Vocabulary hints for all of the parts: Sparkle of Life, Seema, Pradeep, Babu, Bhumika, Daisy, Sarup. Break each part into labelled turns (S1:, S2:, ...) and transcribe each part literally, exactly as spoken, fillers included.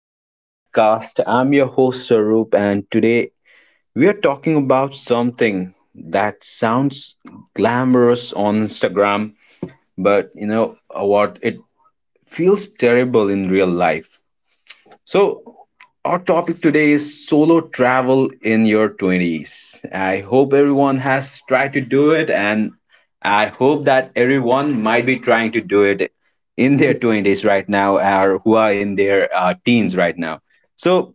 S1: to the podcast. I'm your host, Sarup, and today we are talking about something that sounds glamorous on Instagram, but you know what? It feels terrible in real life. So, our topic today is solo travel in your twenties. I hope everyone has tried to do it, and I hope that everyone might be trying to do it in their twenties right now, or who are in their uh, teens right now. So,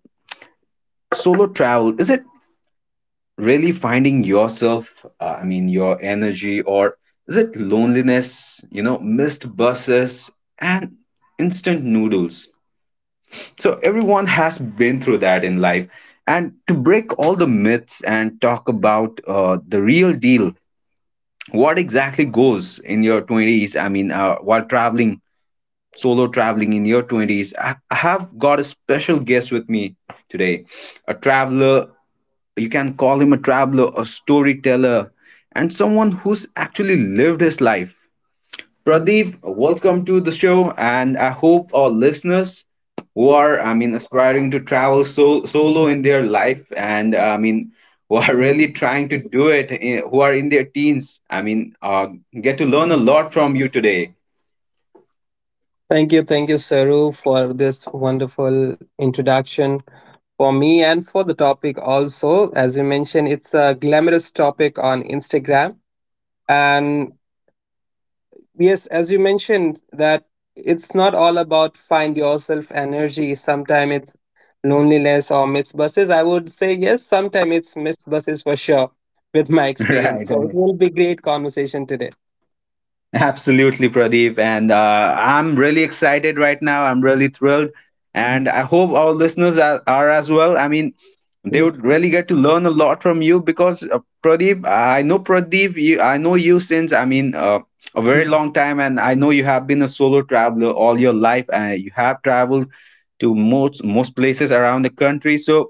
S1: solo travel, is it really finding yourself, uh, I mean, your energy, or is it loneliness, you know, missed buses, and instant noodles? So everyone has been through that in life. And to break all the myths and talk about uh, the real deal, what exactly goes in your twenties? I mean, uh, while traveling, solo traveling in your twenties, I I have got a special guest with me today. A traveler, you can call him a traveler, a storyteller, and someone who's actually lived his life. Pradeep, welcome to the show, and I hope our listeners who are, I mean, aspiring to travel so, solo in their life, and I mean, who are really trying to do it, eh, who are in their teens, I mean, uh, get to learn a lot from you today.
S2: Thank you, thank you, Saru, for this wonderful introduction for me and for the topic also. As you mentioned, it's a glamorous topic on Instagram. And yes, as you mentioned, that it's not all about find yourself energy. Sometimes it's loneliness or missed buses. I would say yes, sometimes it's missed buses for sure with my experience.
S1: Right.
S2: So it
S1: Right.
S2: will be great conversation today.
S1: Absolutely, Pradeep. And uh, I'm really excited right now. I'm really thrilled. And I hope our listeners are, are as well. I mean, they
S2: Sure,
S1: would really get to learn a lot from you because uh, Pradeep, I know Pradeep, you, I know you since, I mean, uh, a very long time. And I know you have been a solo traveler all your life. Uh, you have traveled to most most places around the country. So,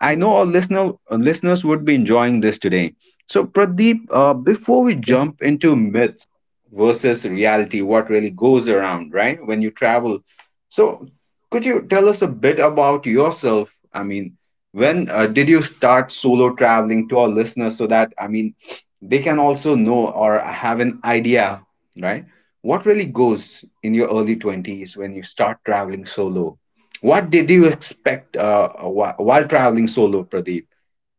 S1: I know our listener, uh, listeners would be enjoying this today. So, Pradeep, uh, before we jump into myths versus reality, what really goes around, right, when you travel, so could you tell us a bit about yourself? I mean, when uh, did you start solo traveling, to our listeners, so that, I mean, they can also know or have an idea, right? What really goes in your early twenties when you start traveling solo? What did you expect uh, wh- while traveling solo, Pradeep?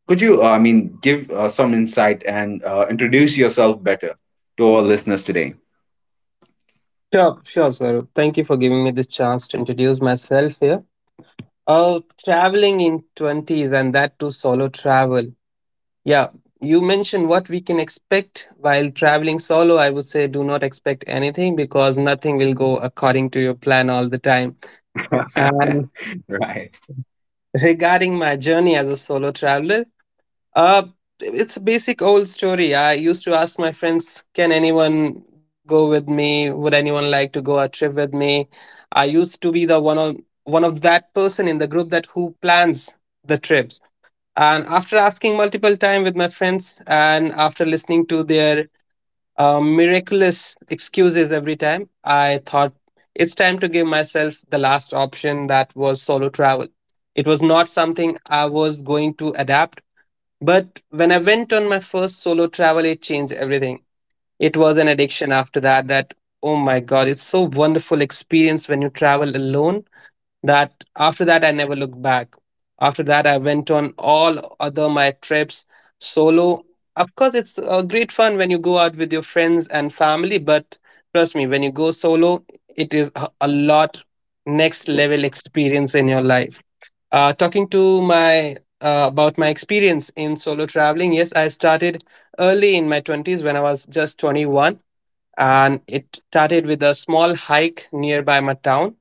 S1: Could you, uh, I mean, give uh, some insight and uh, introduce yourself better to our listeners today?
S2: sure, Swarup. Thank you for giving me this chance to introduce myself here. Uh, traveling in twenties and that too solo travel. Yeah, you mentioned what we can expect while traveling solo. I would say do not expect anything because nothing will go according to your plan all the time. And
S1: Right.
S2: regarding my journey as a solo traveler, Uh, it's a basic old story. I used to ask my friends, can anyone go with me? Would anyone like to go a trip with me? I used to be the one on one of that person in the group that who plans the trips. And after asking multiple time with my friends and after listening to their uh, miraculous excuses every time, I thought it's time to give myself the last option that was solo travel. It was not something I was going to adapt, but when I went on my first solo travel, it changed everything. It was an addiction after that, that, oh my God, it's so wonderful experience when you travel alone that after that, I never looked back. After that, I went on all other my trips solo. Of course, it's a great fun when you go out with your friends and family, but trust me, when you go solo, it is a a lot next level experience in your life uh, talking to my uh, about my experience in solo traveling. Yes, I started early in my twenties when I was just twenty-one, and it started with a small hike nearby my town,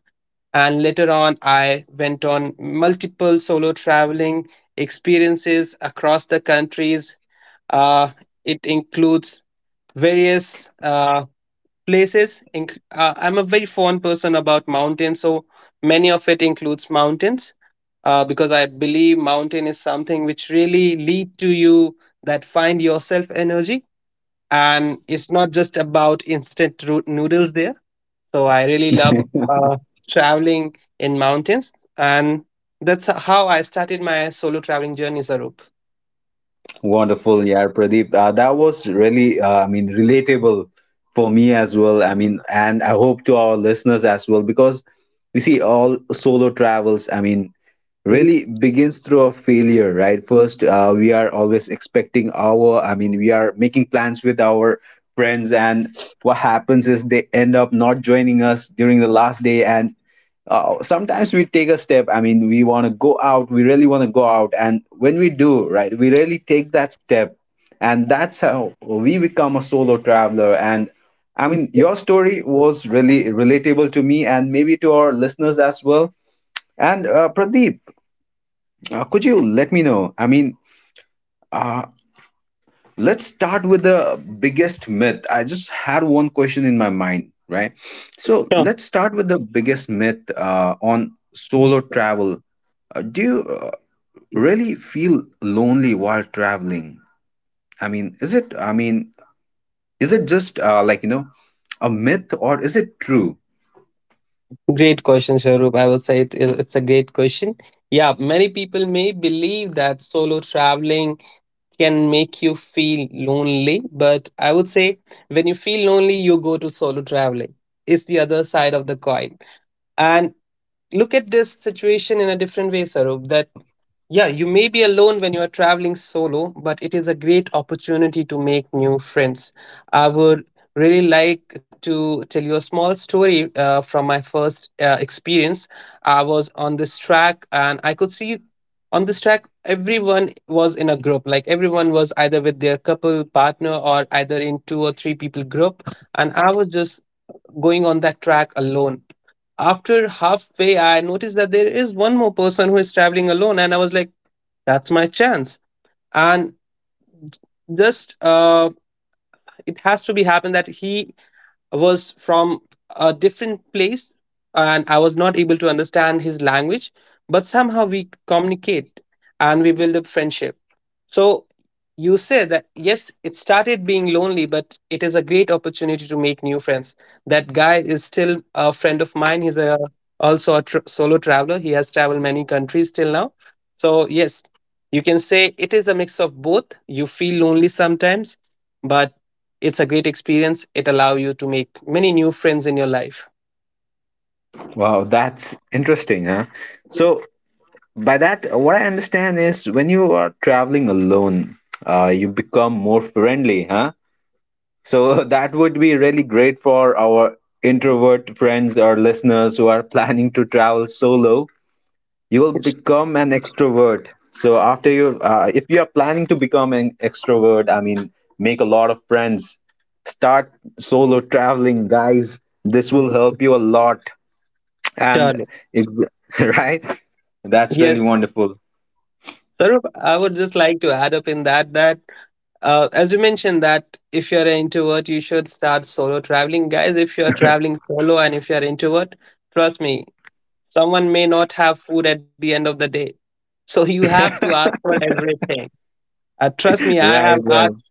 S2: and later on I went on multiple solo traveling experiences across the countries. uh, it includes various uh, places Inc- uh, I'm a very fond person about mountains, so many of it includes mountains, uh, because I believe mountain is something which really lead to you that find yourself energy, and it's not just about instant root noodles there. So I really love uh, traveling in mountains, and that's how I started my solo traveling journey, Sarup.
S1: Wonderful, yeah, Pradeep. Uh, that was really, uh, I mean, relatable for me as well. I mean, and I hope to our listeners as well, because you see, all solo travels, I mean, really begins through a failure, right? First, uh, we are always expecting our, I mean, we are making plans with our friends, and what happens is they end up not joining us during the last day. And uh, sometimes we take a step, I mean, we want to go out, we really want to go out, and when we do, right, we really take that step, and that's how we become a solo traveler. And I mean, your story was really relatable to me and maybe to our listeners as well. And uh, pradeep uh, could you let me know? I mean, uh, let's start with the biggest myth. I just had one question in my mind, right? So
S2: Sure.
S1: let's start with the biggest myth uh, on solo travel. Uh, do you uh, really feel lonely while traveling? I mean, is it? I mean, is it just uh, like you know, a myth, or is it true?
S2: Great question, Sharup. I will say it is it's a great question. Yeah, many people may believe that solo traveling can make you feel lonely, but I would say when you feel lonely, you go to solo traveling. It's the other side of the coin. And look at this situation in a different way, Sarup. Yeah, you may be alone when you are traveling solo, but it is a great opportunity to make new friends. I would really like to tell you a small story uh, from my first uh, experience. I was on this track and I could see on this track everyone was in a group, like everyone was either with their couple partner or either in two or three people group, and I was just going on that track alone. After halfway, I noticed that there is one more person who is traveling alone, and I was like, that's my chance. And just uh, it has to be happened that he was from a different place and I was not able to understand his language, but somehow we communicate and we build up friendship. So you say that yes, it started being lonely, but it is a great opportunity to make new friends. That guy is still a friend of mine. He's a also a tr- solo traveler. He has traveled many countries till now. So yes, you can say it is a mix of both. You feel lonely sometimes, but it's a great experience. It allow you to make many new friends in your life.
S1: Wow, that's interesting, huh? So by that, what I understand is when you are traveling alone, uh, you become more friendly, huh? So that would be really great for our introvert friends or listeners who are planning to travel solo. You will
S2: Yes.
S1: become an extrovert. So after you, uh, if you are planning to become an extrovert, I mean, make a lot of friends. Start solo traveling, guys. This will help you a lot. And
S2: Surely.
S1: it, right? That's really
S2: Yes.
S1: wonderful.
S2: Sarup, I would just like to add up in that that uh, as you mentioned that if you're an introvert, you should start solo traveling. Guys, if you're traveling solo and if you're introvert, trust me, someone may not have food at the end of the day. So you have to ask for everything. Uh, trust me, I have
S1: Right, right,
S2: asked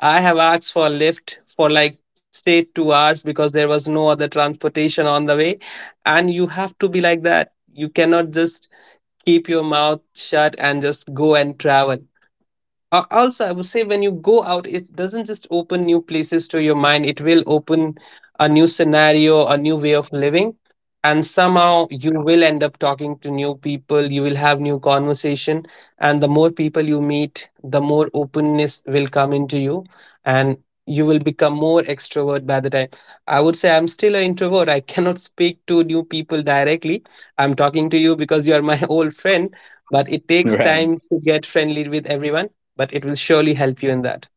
S2: I have asked for lift for like stay two hours because there was no other transportation on the way. And you have to be like that. You cannot just keep your mouth shut and just go and travel. Uh, also, I would say when you go out, it doesn't just open new places to your mind, it will open a new scenario, a new way of living. And somehow you will end up talking to new people, you will have new conversation. And the more people you meet, the more openness will come into you. And you will become more extrovert by the time. I would say I'm still an introvert. I cannot speak to new people directly. I'm talking to you because you are my old friend, but it takes
S1: right.
S2: time to get friendly with everyone, but it will surely help you in that.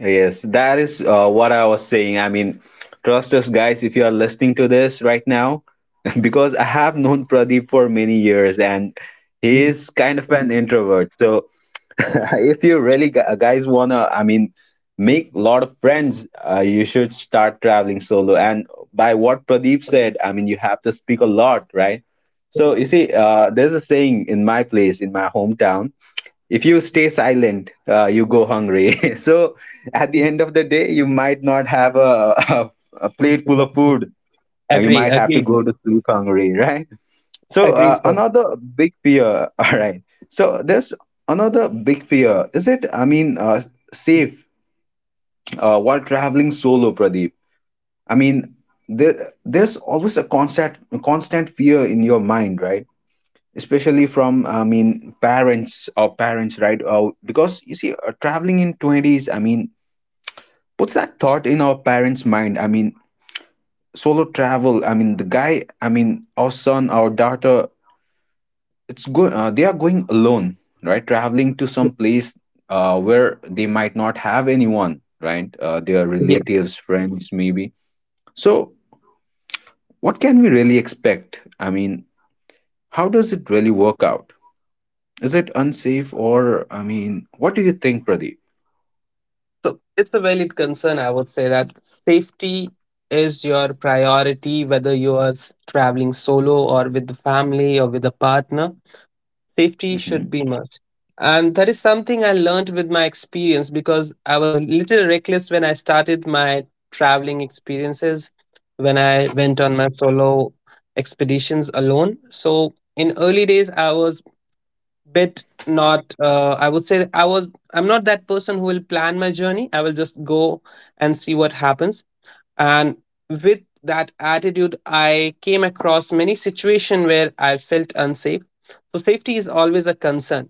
S1: Yes, that is uh, what I was saying. I mean, trust us, guys, if you are listening to this right now, because I have known Pradeep for many years and he is kind of an introvert. So, if you really gu- guys wanna, I mean, make a lot of friends, uh, you should start traveling solo. And by what Pradeep said, I mean, you have to speak a lot, right? So, you see, uh, there's a saying in my place, in my hometown. If you stay silent, uh, you go hungry. So at the end of the day, you might not have a, a, a plate full of food. Uh, you
S2: Agree,
S1: might have to
S2: agreed,
S1: go to sleep hungry, right? So
S2: agreed,
S1: uh,
S2: sir.
S1: another big fear. All right. So there's another big fear. Is it, I mean, uh, safe uh, while traveling solo, Pradeep? I mean, there, there's always a constant constant fear in your mind, right? Especially from, I mean, parents, or parents, right? Uh, because you see, uh, traveling in twenties, I mean, puts that thought in our parents' mind. I mean, solo travel, I mean, the guy, I mean, our son, our daughter, it's good, uh, they are going alone, right, traveling to some
S2: Yes.
S1: place uh, where they might not have anyone, right, uh, their
S2: Yes.
S1: relatives, friends, maybe. So what can we really expect? I mean, how does it really work out? Is it unsafe? Or, I mean, what do you think, Pradeep?
S2: So it's a valid concern. I would say that safety is your priority, whether you are s- traveling solo or with the family or with a partner. Safety should
S1: Hmm.
S2: be must, and that is something I learned with my experience because I was a little reckless when I started my traveling experiences, when I went on my solo expeditions alone. So in early days I was bit not uh, I would say that i was I'm not that person who will plan my journey. I will just go and see what happens. And with that attitude I came across many situations where I felt unsafe. So safety is always a concern.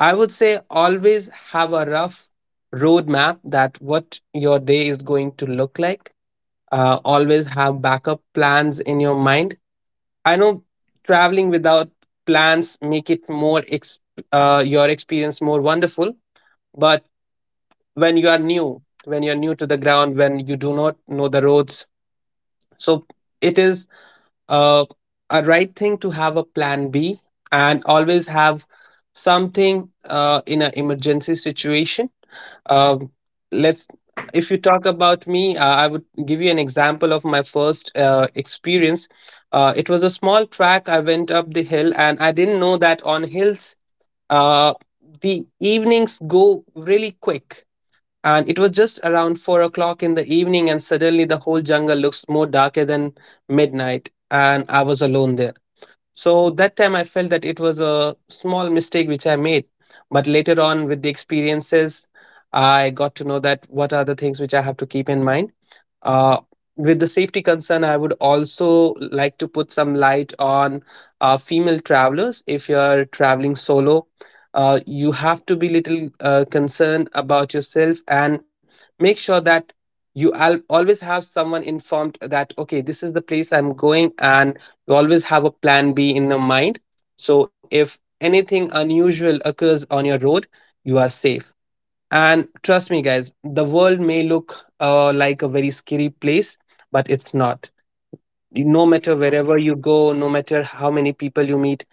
S2: I would say always have a rough roadmap that what your day is going to look like. Uh, always have backup plans in your mind. I know traveling without plans make it more ex- uh, your experience more wonderful, but when you are new, when you're new to the ground, when you do not know the roads, so it is uh, a right thing to have a plan B and always have something uh, in an emergency situation. Um, let's, if you talk about me, uh, I would give you an example of my first uh, experience. Uh, it was a small track. I went up the hill and I didn't know that on hills, uh, the evenings go really quick, and it was just around four o'clock in the evening and suddenly the whole jungle looks more darker than midnight, and I was alone there. So that time I felt that it was a small mistake which I made, but later on with the experiences I got to know that what are the things which I have to keep in mind. uh, with the safety concern, I would also like to put some light on uh, female travelers. If you're traveling solo, uh, you have to be little uh, concerned about yourself and make sure that you al- always have someone informed that, okay, this is the place I'm going, and you always have a plan B in your mind. So if anything unusual occurs on your road, you are safe. And trust me, guys, the world may look uh, like a very scary place, but it's not. You- No matter wherever you go, no matter how many people you meet,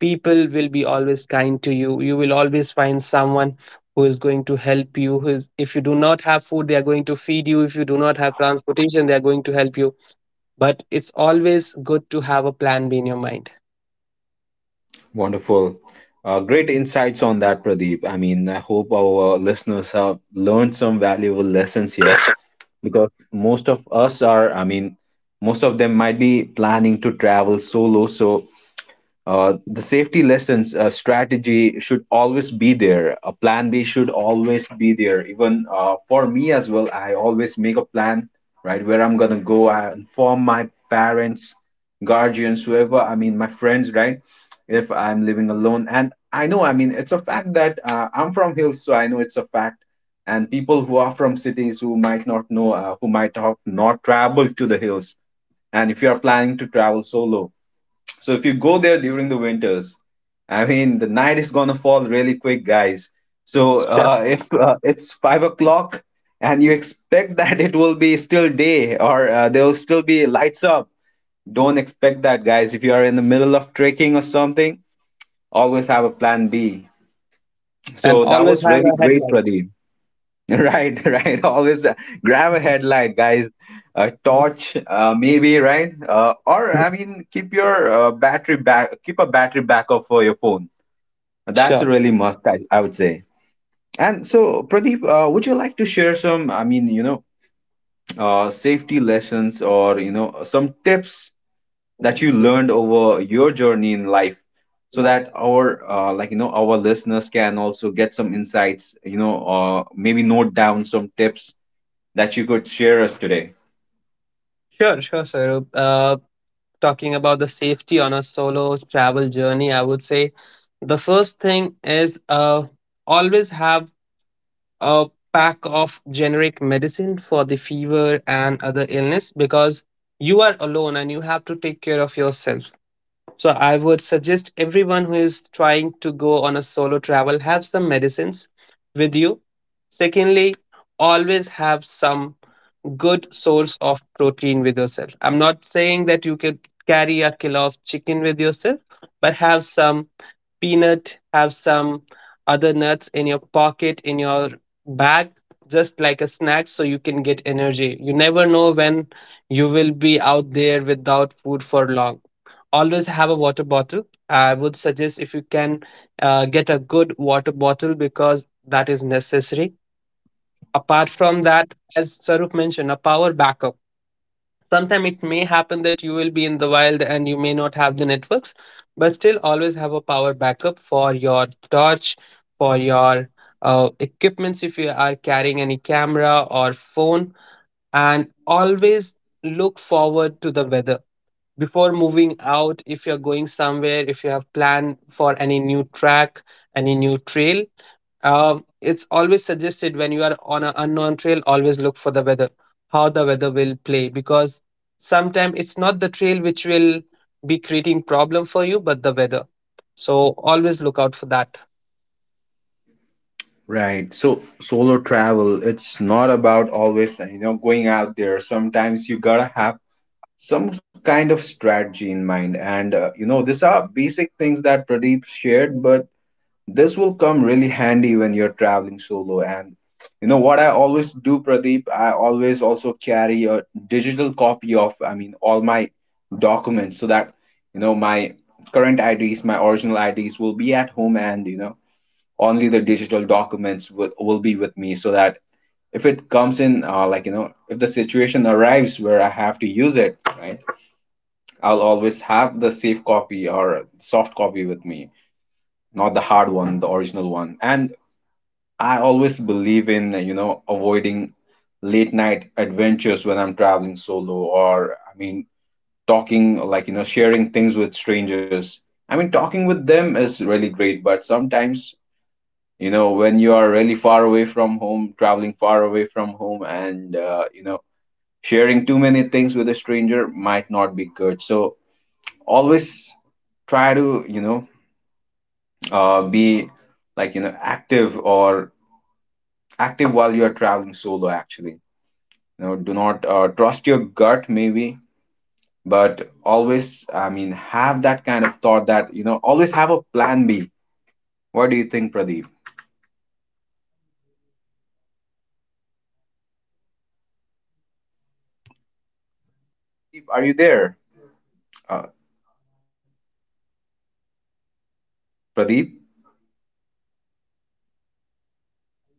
S2: people will be always kind to you. You will always find someone who is going to help you. Who is, if you do not have food, they are going to feed you. If you do not have transportation, they are going to help you. But it's always good to have a plan B in your mind.
S1: Wonderful. Uh, great insights on that, Pradeep. I mean, I hope our listeners have learned some valuable lessons here because most of us are, I mean, most of them might be planning to travel solo. So Uh, the safety lessons, uh, strategy should always be there. A plan B should always be there. Even uh, for me as well, I always make a plan, right? Where I'm gonna go, I inform my parents, guardians, whoever. I mean, my friends, right? If I'm living alone. And I know, I mean, it's a fact that uh, I'm from hills, so I know it's a fact. And people who are from cities who might not know, uh, who might have not traveled to the hills, and if you are planning to travel solo, so if you go there during the winters, I mean, the night is gonna fall really quick, guys. So
S2: Sure.
S1: uh, if uh, it's five o'clock and you expect that it will be still day, or uh, there will still be lights up, don't expect that, guys. If you are in the middle of trekking or something, always have a plan B.
S2: And
S1: So that
S2: always
S1: was
S2: have
S1: really
S2: a
S1: great,
S2: headlight.
S1: Pradeep. Right, right. Always uh, grab a headlight, guys. A torch, uh, maybe, right? Uh, or I mean, keep your uh, battery back. Keep a battery backup for your phone. That's
S2: Sure.
S1: really must, I, I would say. And so, Pradeep, uh, would you like to share some? I mean, you know, uh, safety lessons, or you know, some tips that you learned over your journey in life, so that our uh, like you know our listeners can also get some insights. You know, uh, maybe note down some tips that you could share us today.
S2: Sure, sure, sir. Uh, talking about the safety on a solo travel journey, I would say the first thing is uh, always have a pack of generic medicine for the fever and other illness because you are alone and you have to take care of yourself. So I would suggest everyone who is trying to go on a solo travel have some medicines with you. Secondly, always have some good source of protein with yourself. I'm not saying that you can carry a kilo of chicken with yourself, but have some peanut, have some other nuts in your pocket, in your bag, just like a snack so you can get energy. You never know when you will be out there without food for long. Always have a water bottle. I would suggest if you can uh, get a good water bottle because that is necessary. Apart from that, as Saruk mentioned, a power backup. Sometimes it may happen that you will be in the wild and you may not have the networks, but still always have a power backup for your torch, for your uh, equipments if you are carrying any camera or phone. And always look forward to the weather before moving out. If you're going somewhere, if you have planned for any new track, any new trail, um, it's always suggested when you are on an unknown trail, always look for the weather, how the weather will play, because sometimes it's not the trail which will be creating problem for you, but the weather. So always look out for that.
S1: Right. So solo travel, it's not about always, you know, going out there. Sometimes you gotta have some kind of strategy in mind. And, uh, you know, these are basic things that Pradeep shared, but this will come really handy when you're traveling solo. And, you know, what I always do, Pradeep, I always also carry a digital copy of, I mean, all my documents, so that, you know, my current I Ds, my original I Ds will be at home, and, you know, only the digital documents will, will be with me, so that if it comes in, uh, like you know if the situation arrives where I have to use it, right, I'll always have the safe copy or soft copy with me, not the hard one, the original one. And I always believe in, you know, avoiding late night adventures when I'm traveling solo, or I mean, talking, like you know sharing things with strangers. I mean, talking with them is really great, but sometimes, you know, when you are really far away from home, traveling far away from home, and uh, you know, sharing too many things with a stranger might not be good. So always try to, you know uh, be, like you know active, or active while you are traveling solo. Actually, you know, do not, uh, trust your gut, maybe, but always, I mean, have that kind of thought that, you know, always have a plan B. What do you think, Pradeep? Are you there? uh, Pradeep?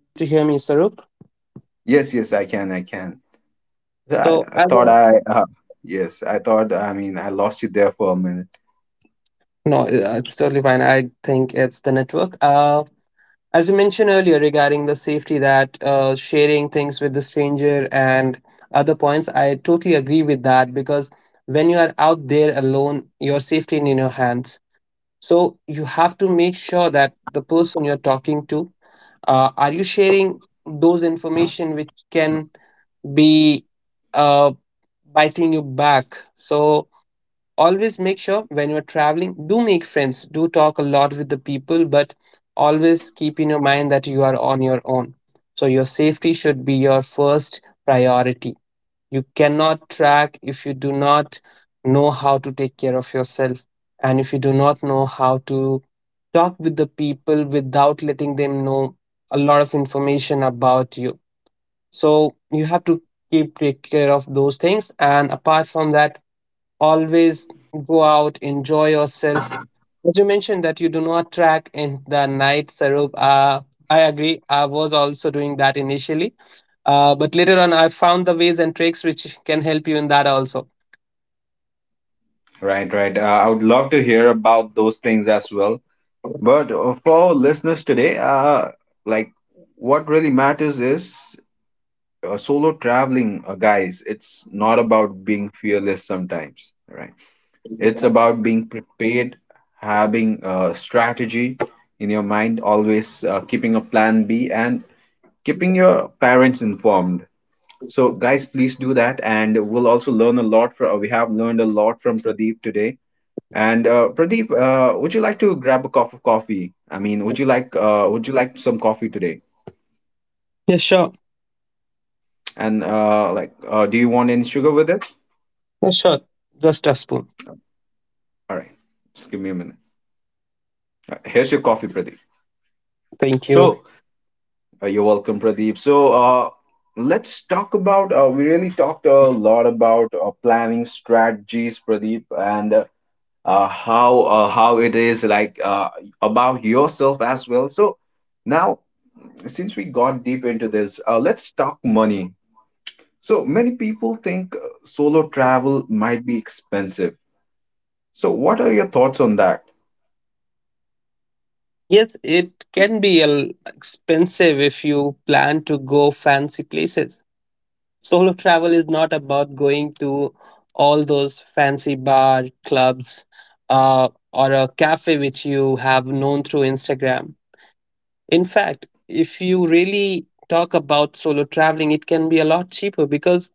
S2: To hear me, Sarup.
S1: Yes, yes, i can i can I,
S2: So
S1: I
S2: as
S1: thought
S2: I,
S1: I, uh, yes, I thought, I mean, I lost you there for a minute.
S2: no, uh, it's totally fine. I think it's the network. Uh, As you mentioned earlier regarding the safety, that uh, sharing things with the stranger and other points, I totally agree with that, because when you are out there alone, your safety is in your hands. So you have to make sure that the person you're talking to, uh, are you sharing those information which can be, uh, biting you back? So always make sure when you're traveling, do make friends, do talk a lot with the people, but always keep in your mind that you are on your own. So your safety should be your first priority. You cannot track if you do not know how to take care of yourself, and if you do not know how to talk with the people without letting them know a lot of information about you. So you have to keep, take care of those things. And apart from that, always go out, enjoy yourself. As you mentioned that you do not track in the night, Sarup, uh, I agree, I was also doing that initially. Uh, but later on I found the ways and tricks which can help you in that also.
S1: Right, right. Uh, I would love to hear about those things as well. But uh, for listeners today, uh, like what really matters is uh, solo traveling, uh, guys. It's not about being fearless sometimes, right? It's about being prepared, having a strategy in your mind, always uh, keeping a plan B and keeping your parents informed. So, guys, please do that, and we'll also learn a lot from. We have learned a lot from Pradeep today. And uh, Pradeep, uh, would you like to grab a cup of coffee? I mean, would you like uh, would you like some coffee today?
S2: Yes, sure.
S1: And uh, like, uh, do you want any sugar with it?
S2: Yeah, sure, just a spoon.
S1: All right, just give me a minute. All right, here's your coffee, Pradeep.
S2: Thank you.
S1: So uh, you're welcome, Pradeep. So uh, let's talk about. Uh, we really talked a lot about uh, planning strategies, Pradeep, and uh, uh, how uh, how it is like uh, about yourself as well. So now, since we got deep into this, uh, let's talk money. So many people think uh, solo travel might be expensive. So what are your thoughts on that?
S2: Yes, it can be a l- expensive if you plan to go fancy places. Solo travel is not about going to all those fancy bar clubs, uh, or a cafe which you have known through Instagram. In fact, if you really talk about solo traveling, it can be a lot cheaper, because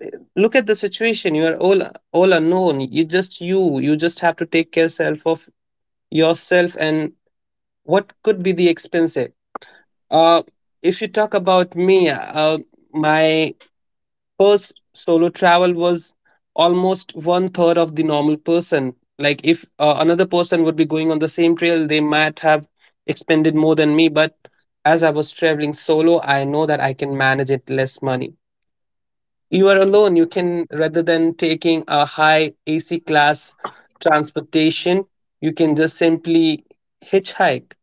S2: eh, look at the situation. You are all all unknown. You just you. You just have to take care self of yourself and what could be the expensive. Uh, if you talk about me, uh, my first solo travel was almost one third of the normal person. Like, if uh, another person would be going on the same trail, they might have expended more than me. But as I was traveling solo, I know that I can manage it less money. You are alone, you can, rather than taking a high AC class transportation, you can just simply hitchhike.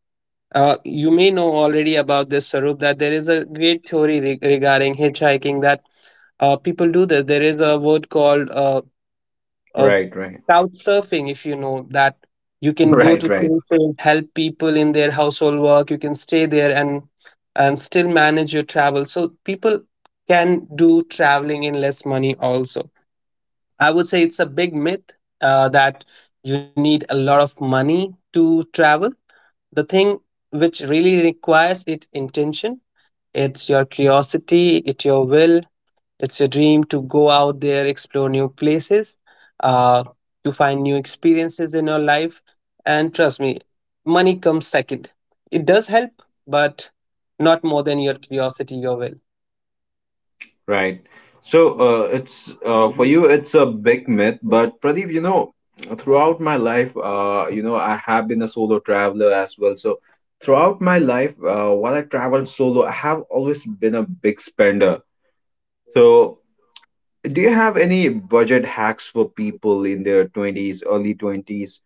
S2: uh, You may know already about this, Sarup, that there is a great theory re- regarding hitchhiking, that uh, people do this. There is a word called uh, uh,
S1: Right, right.
S2: couch surfing, if you know that. You can go to
S1: Right, right.
S2: places, help people in their household work, you can stay there and and still manage your travel. So people can do traveling in less money also. I would say it's a big myth, uh, that you need a lot of money to travel. The thing which really requires it intention. It's your curiosity, it's your will, it's your dream to go out there, explore new places, uh, to find new experiences in your life. And trust me, money comes second. It does help, but not more than your curiosity, your
S1: Right. So uh, it's uh, for
S2: will.
S1: you, it's a big myth. But Pradeep, you know, throughout my life, uh, you know, I have been a solo traveler as well. So throughout my life, uh, while I traveled solo, I have always been a big spender. So do you have any budget hacks for people in their twenties, early twenties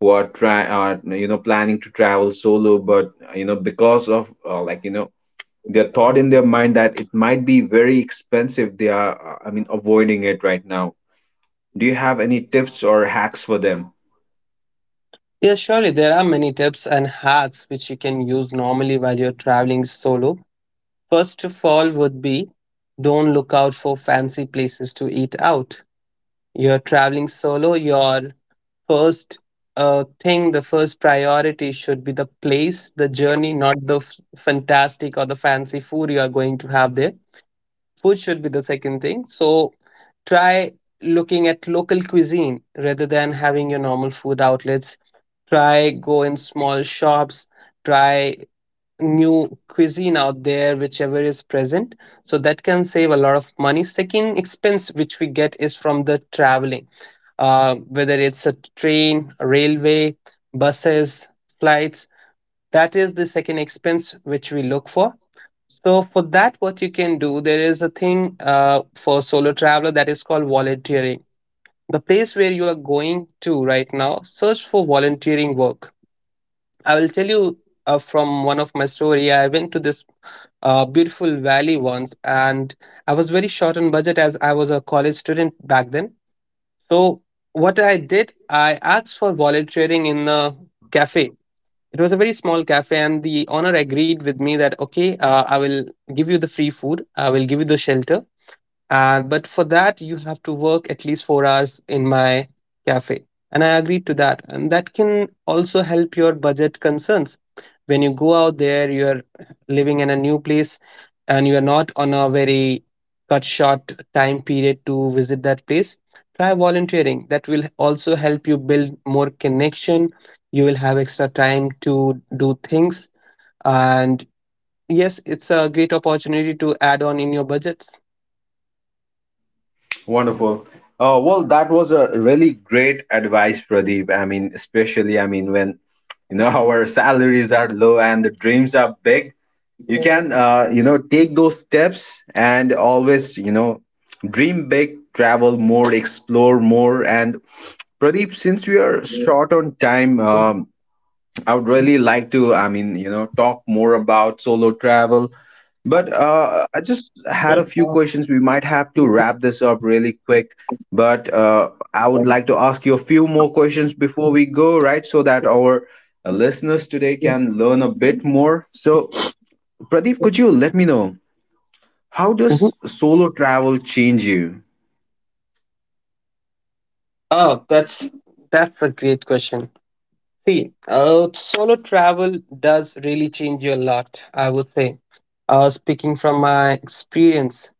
S1: who are try, uh, you know, planning to travel solo, but you know, because of uh, like you know, their thought in their mind that it might be very expensive, they are uh, I mean avoiding it right now. Do you have any tips or hacks for them?
S2: Yeah, surely there are many tips and hacks which you can use normally while you're traveling solo. First of all, would be, don't look out for fancy places to eat out. You're traveling solo, your first uh, thing, the first priority should be the place, the journey, not the f- fantastic or the fancy food you are going to have there. Food should be the second thing. So try looking at local cuisine rather than having your normal food outlets. Try go in small shops, try new cuisine out there whichever is present. So that can save a lot of money. Second expense which we get is from the traveling, uh, whether it's a train, railway, buses, flights, that is the second expense which we look for. So for that, what you can do, there is a thing uh, for solo traveler that is called volunteering. The place where you are going to right now, search for volunteering work. I will tell you uh, from one of my story. I went to this uh, beautiful valley once, and I was very short on budget as I was a college student back then. So what I did, I asked for volunteering in a cafe. It was a very small cafe, and the owner agreed with me that okay, uh, I will give you the free food, I will give you the shelter, and but for that you have to work at least four hours in my cafe. And I agreed to that. And that can also help your budget concerns. When you go out there, you're living in a new place and you're not on a very cut short time period to visit that place. Try volunteering. That will also help you build more connection. You will have extra time to do things. And yes, it's a great opportunity to add on in your budgets.
S1: Wonderful. Uh, well, that was a really great advice, Pradeep. I mean, especially, I mean, when you know our salaries are low and the dreams are big, you can, uh, you know, take those steps and always, you know, dream big, travel more, explore more. And Pradeep, since we are short on time, um, I would really like to, I mean, you know, talk more about solo travel. But uh, I just had a few questions. We might have to wrap this up really quick. But uh, I would like to ask you a few more questions before we go, right? So that our uh,
S2: Mhm.
S1: listeners today can learn a bit more. So, Pradeep, could you let me know? How does solo travel change you?
S2: Oh, that's that's a great question. See, uh, solo travel does really change you a lot, I would say. Uh, speaking from my experience,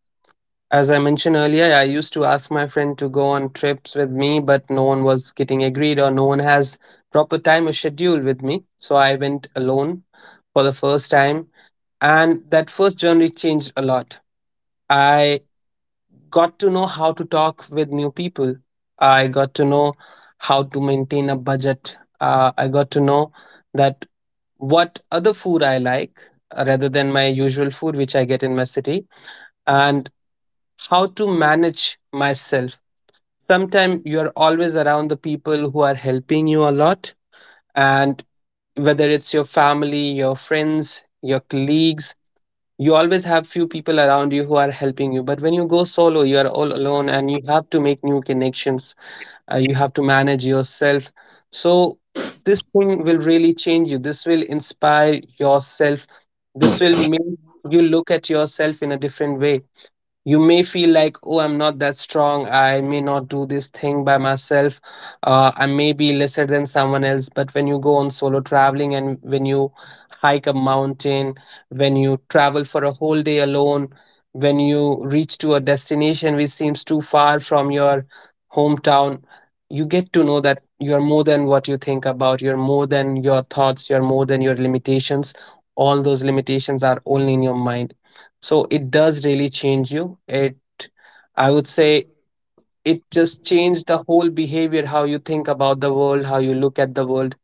S2: as I mentioned earlier, I used to ask my friend to go on trips with me, but no one was getting agreed or no one has proper time or schedule with me. So I went alone for the first time, and that first journey changed a lot. I got to know how to talk with new people. I got to know how to maintain a budget. Uh, I got to know that what other food I like, uh, rather than my usual food, which I get in my city, and how to manage myself. Sometimes you're always around the people who are helping you a lot, and whether it's your family, your friends, your colleagues, you always have few people around you who are helping you. But when you go solo, you are all alone and you have to make new connections. Uh, you have to manage yourself. So this thing will really change you, this will inspire yourself, this will make you look at yourself in a different way. You may feel like, oh, I'm not that strong, I may not do this thing by myself, uh, I may be lesser than someone else. But when you go on solo traveling, and when you hike a mountain, when you travel for a whole day alone, when you reach to a destination which seems too far from your hometown, you get to know that you're more than what you think about, you're more than your thoughts, you're more than your limitations. All those limitations are only in your mind. So it does really change you. It, I would say, it just changed the whole behavior, how you think about the world, how you look at the world.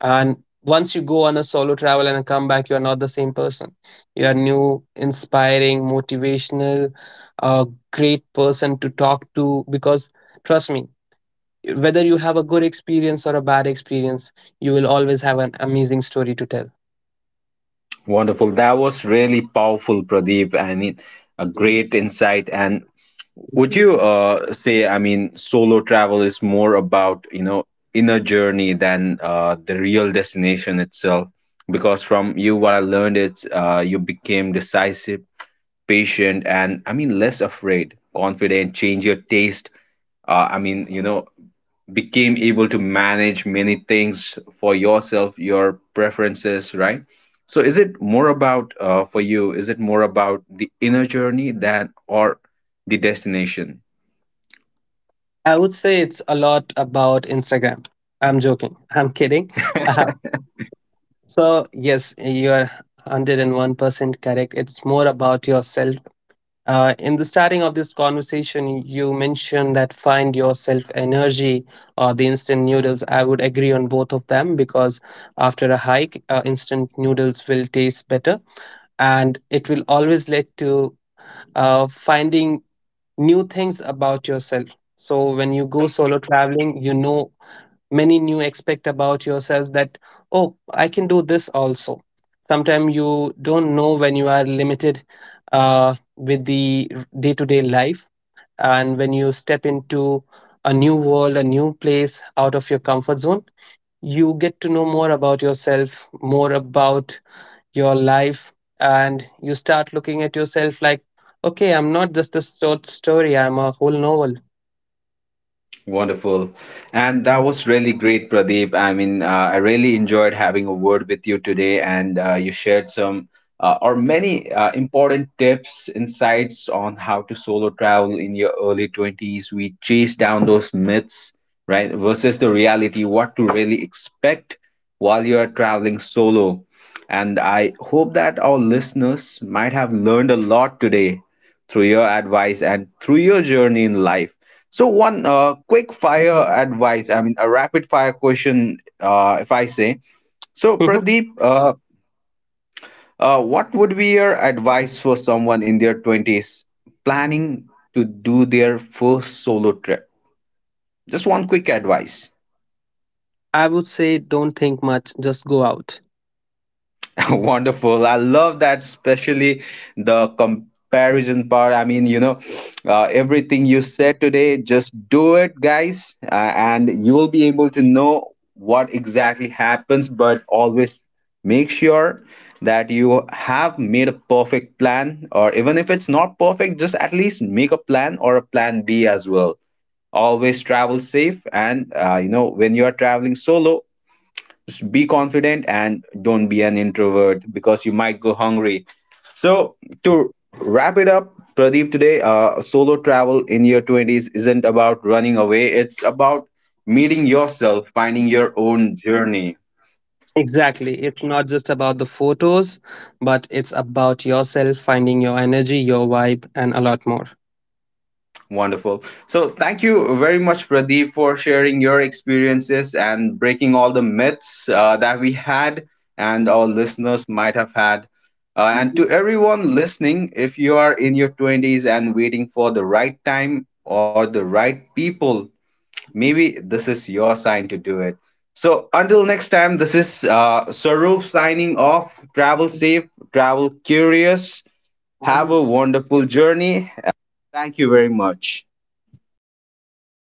S2: And once you go on a solo travel and come back, you are not the same person. You are new, inspiring, motivational, a great person to talk to. Because trust me, whether you have a good experience or a bad experience, you will always have an amazing story to tell.
S1: Wonderful. That was really powerful, Pradeep, and it- a great insight. And would you uh, say, I mean, solo travel is more about, you know, inner journey than uh, the real destination itself? Because from you, what I learned is uh, you became decisive, patient, and I mean, less afraid, confident, change your taste. Uh, I mean, you know, became able to manage many things for yourself, your preferences, right? So is it more about uh, for you is it more about the inner journey than or the destination?
S2: I would say it's a lot about Instagram. I'm joking, I'm kidding. Uh, so yes, you are one hundred one percent correct. It's more about yourself. Uh, in the starting of this conversation, you mentioned that find yourself energy or the instant noodles. I would agree on both of them because after a hike, uh, instant noodles will taste better, and it will always lead to uh, finding new things about yourself. So when you go solo traveling, you know many new expect about yourself that, oh, I can do this also. Sometimes you don't know when you are limited uh, with the day-to-day life, and when you step into a new world, a new place, out of your comfort zone, you get to know more about yourself, more about your life. And you start looking at yourself like, okay, I'm not just a short story, I'm a whole novel.
S1: Wonderful. And that was really great, Pradeep. I mean, uh, I really enjoyed having a word with you today, and uh, you shared some uh, or
S2: Mhm.
S1: many uh, important tips, insights on how to solo travel in your early twenties. We chased down those myths, right, versus the reality, what to really expect while you are traveling solo. And I hope that our listeners might have learned a lot today through your advice and through your journey in life. So one uh, quick fire advice, I mean a rapid fire question, uh, if I say. So Pradeep, uh, uh, what would be your advice for someone in their twenties planning to do their first solo trip? Just one quick advice.
S2: I would say don't think much, just go out.
S1: Wonderful. I love that, especially the comparison part. I mean, you know, uh, everything you said today, just do it, guys, uh, and you will be able to know what exactly happens. But always make sure that you have made a perfect plan, or even if it's not perfect, just at least make a plan or a plan B as well. Always travel safe, and uh, you know, when you are traveling solo, just be confident and don't be an introvert because you might go hungry. So, to wrap it up, Pradeep, today, uh, solo travel in your twenties isn't about running away, it's about meeting yourself, finding your own journey.
S2: Exactly. It's not just about the photos, but it's about yourself, finding your energy, your vibe, and a lot more.
S1: Wonderful. So, thank you very much, Pradeep, for sharing your experiences and breaking all the myths uh, that we had and our listeners might have had. Uh, and to everyone listening, if you are in your twenties and waiting for the right time or the right people, maybe this is your sign to do it. So, until next time, this is uh, Sarup signing off. Travel safe, travel curious, have a
S2: Sabe?
S1: wonderful journey. Thank you very much.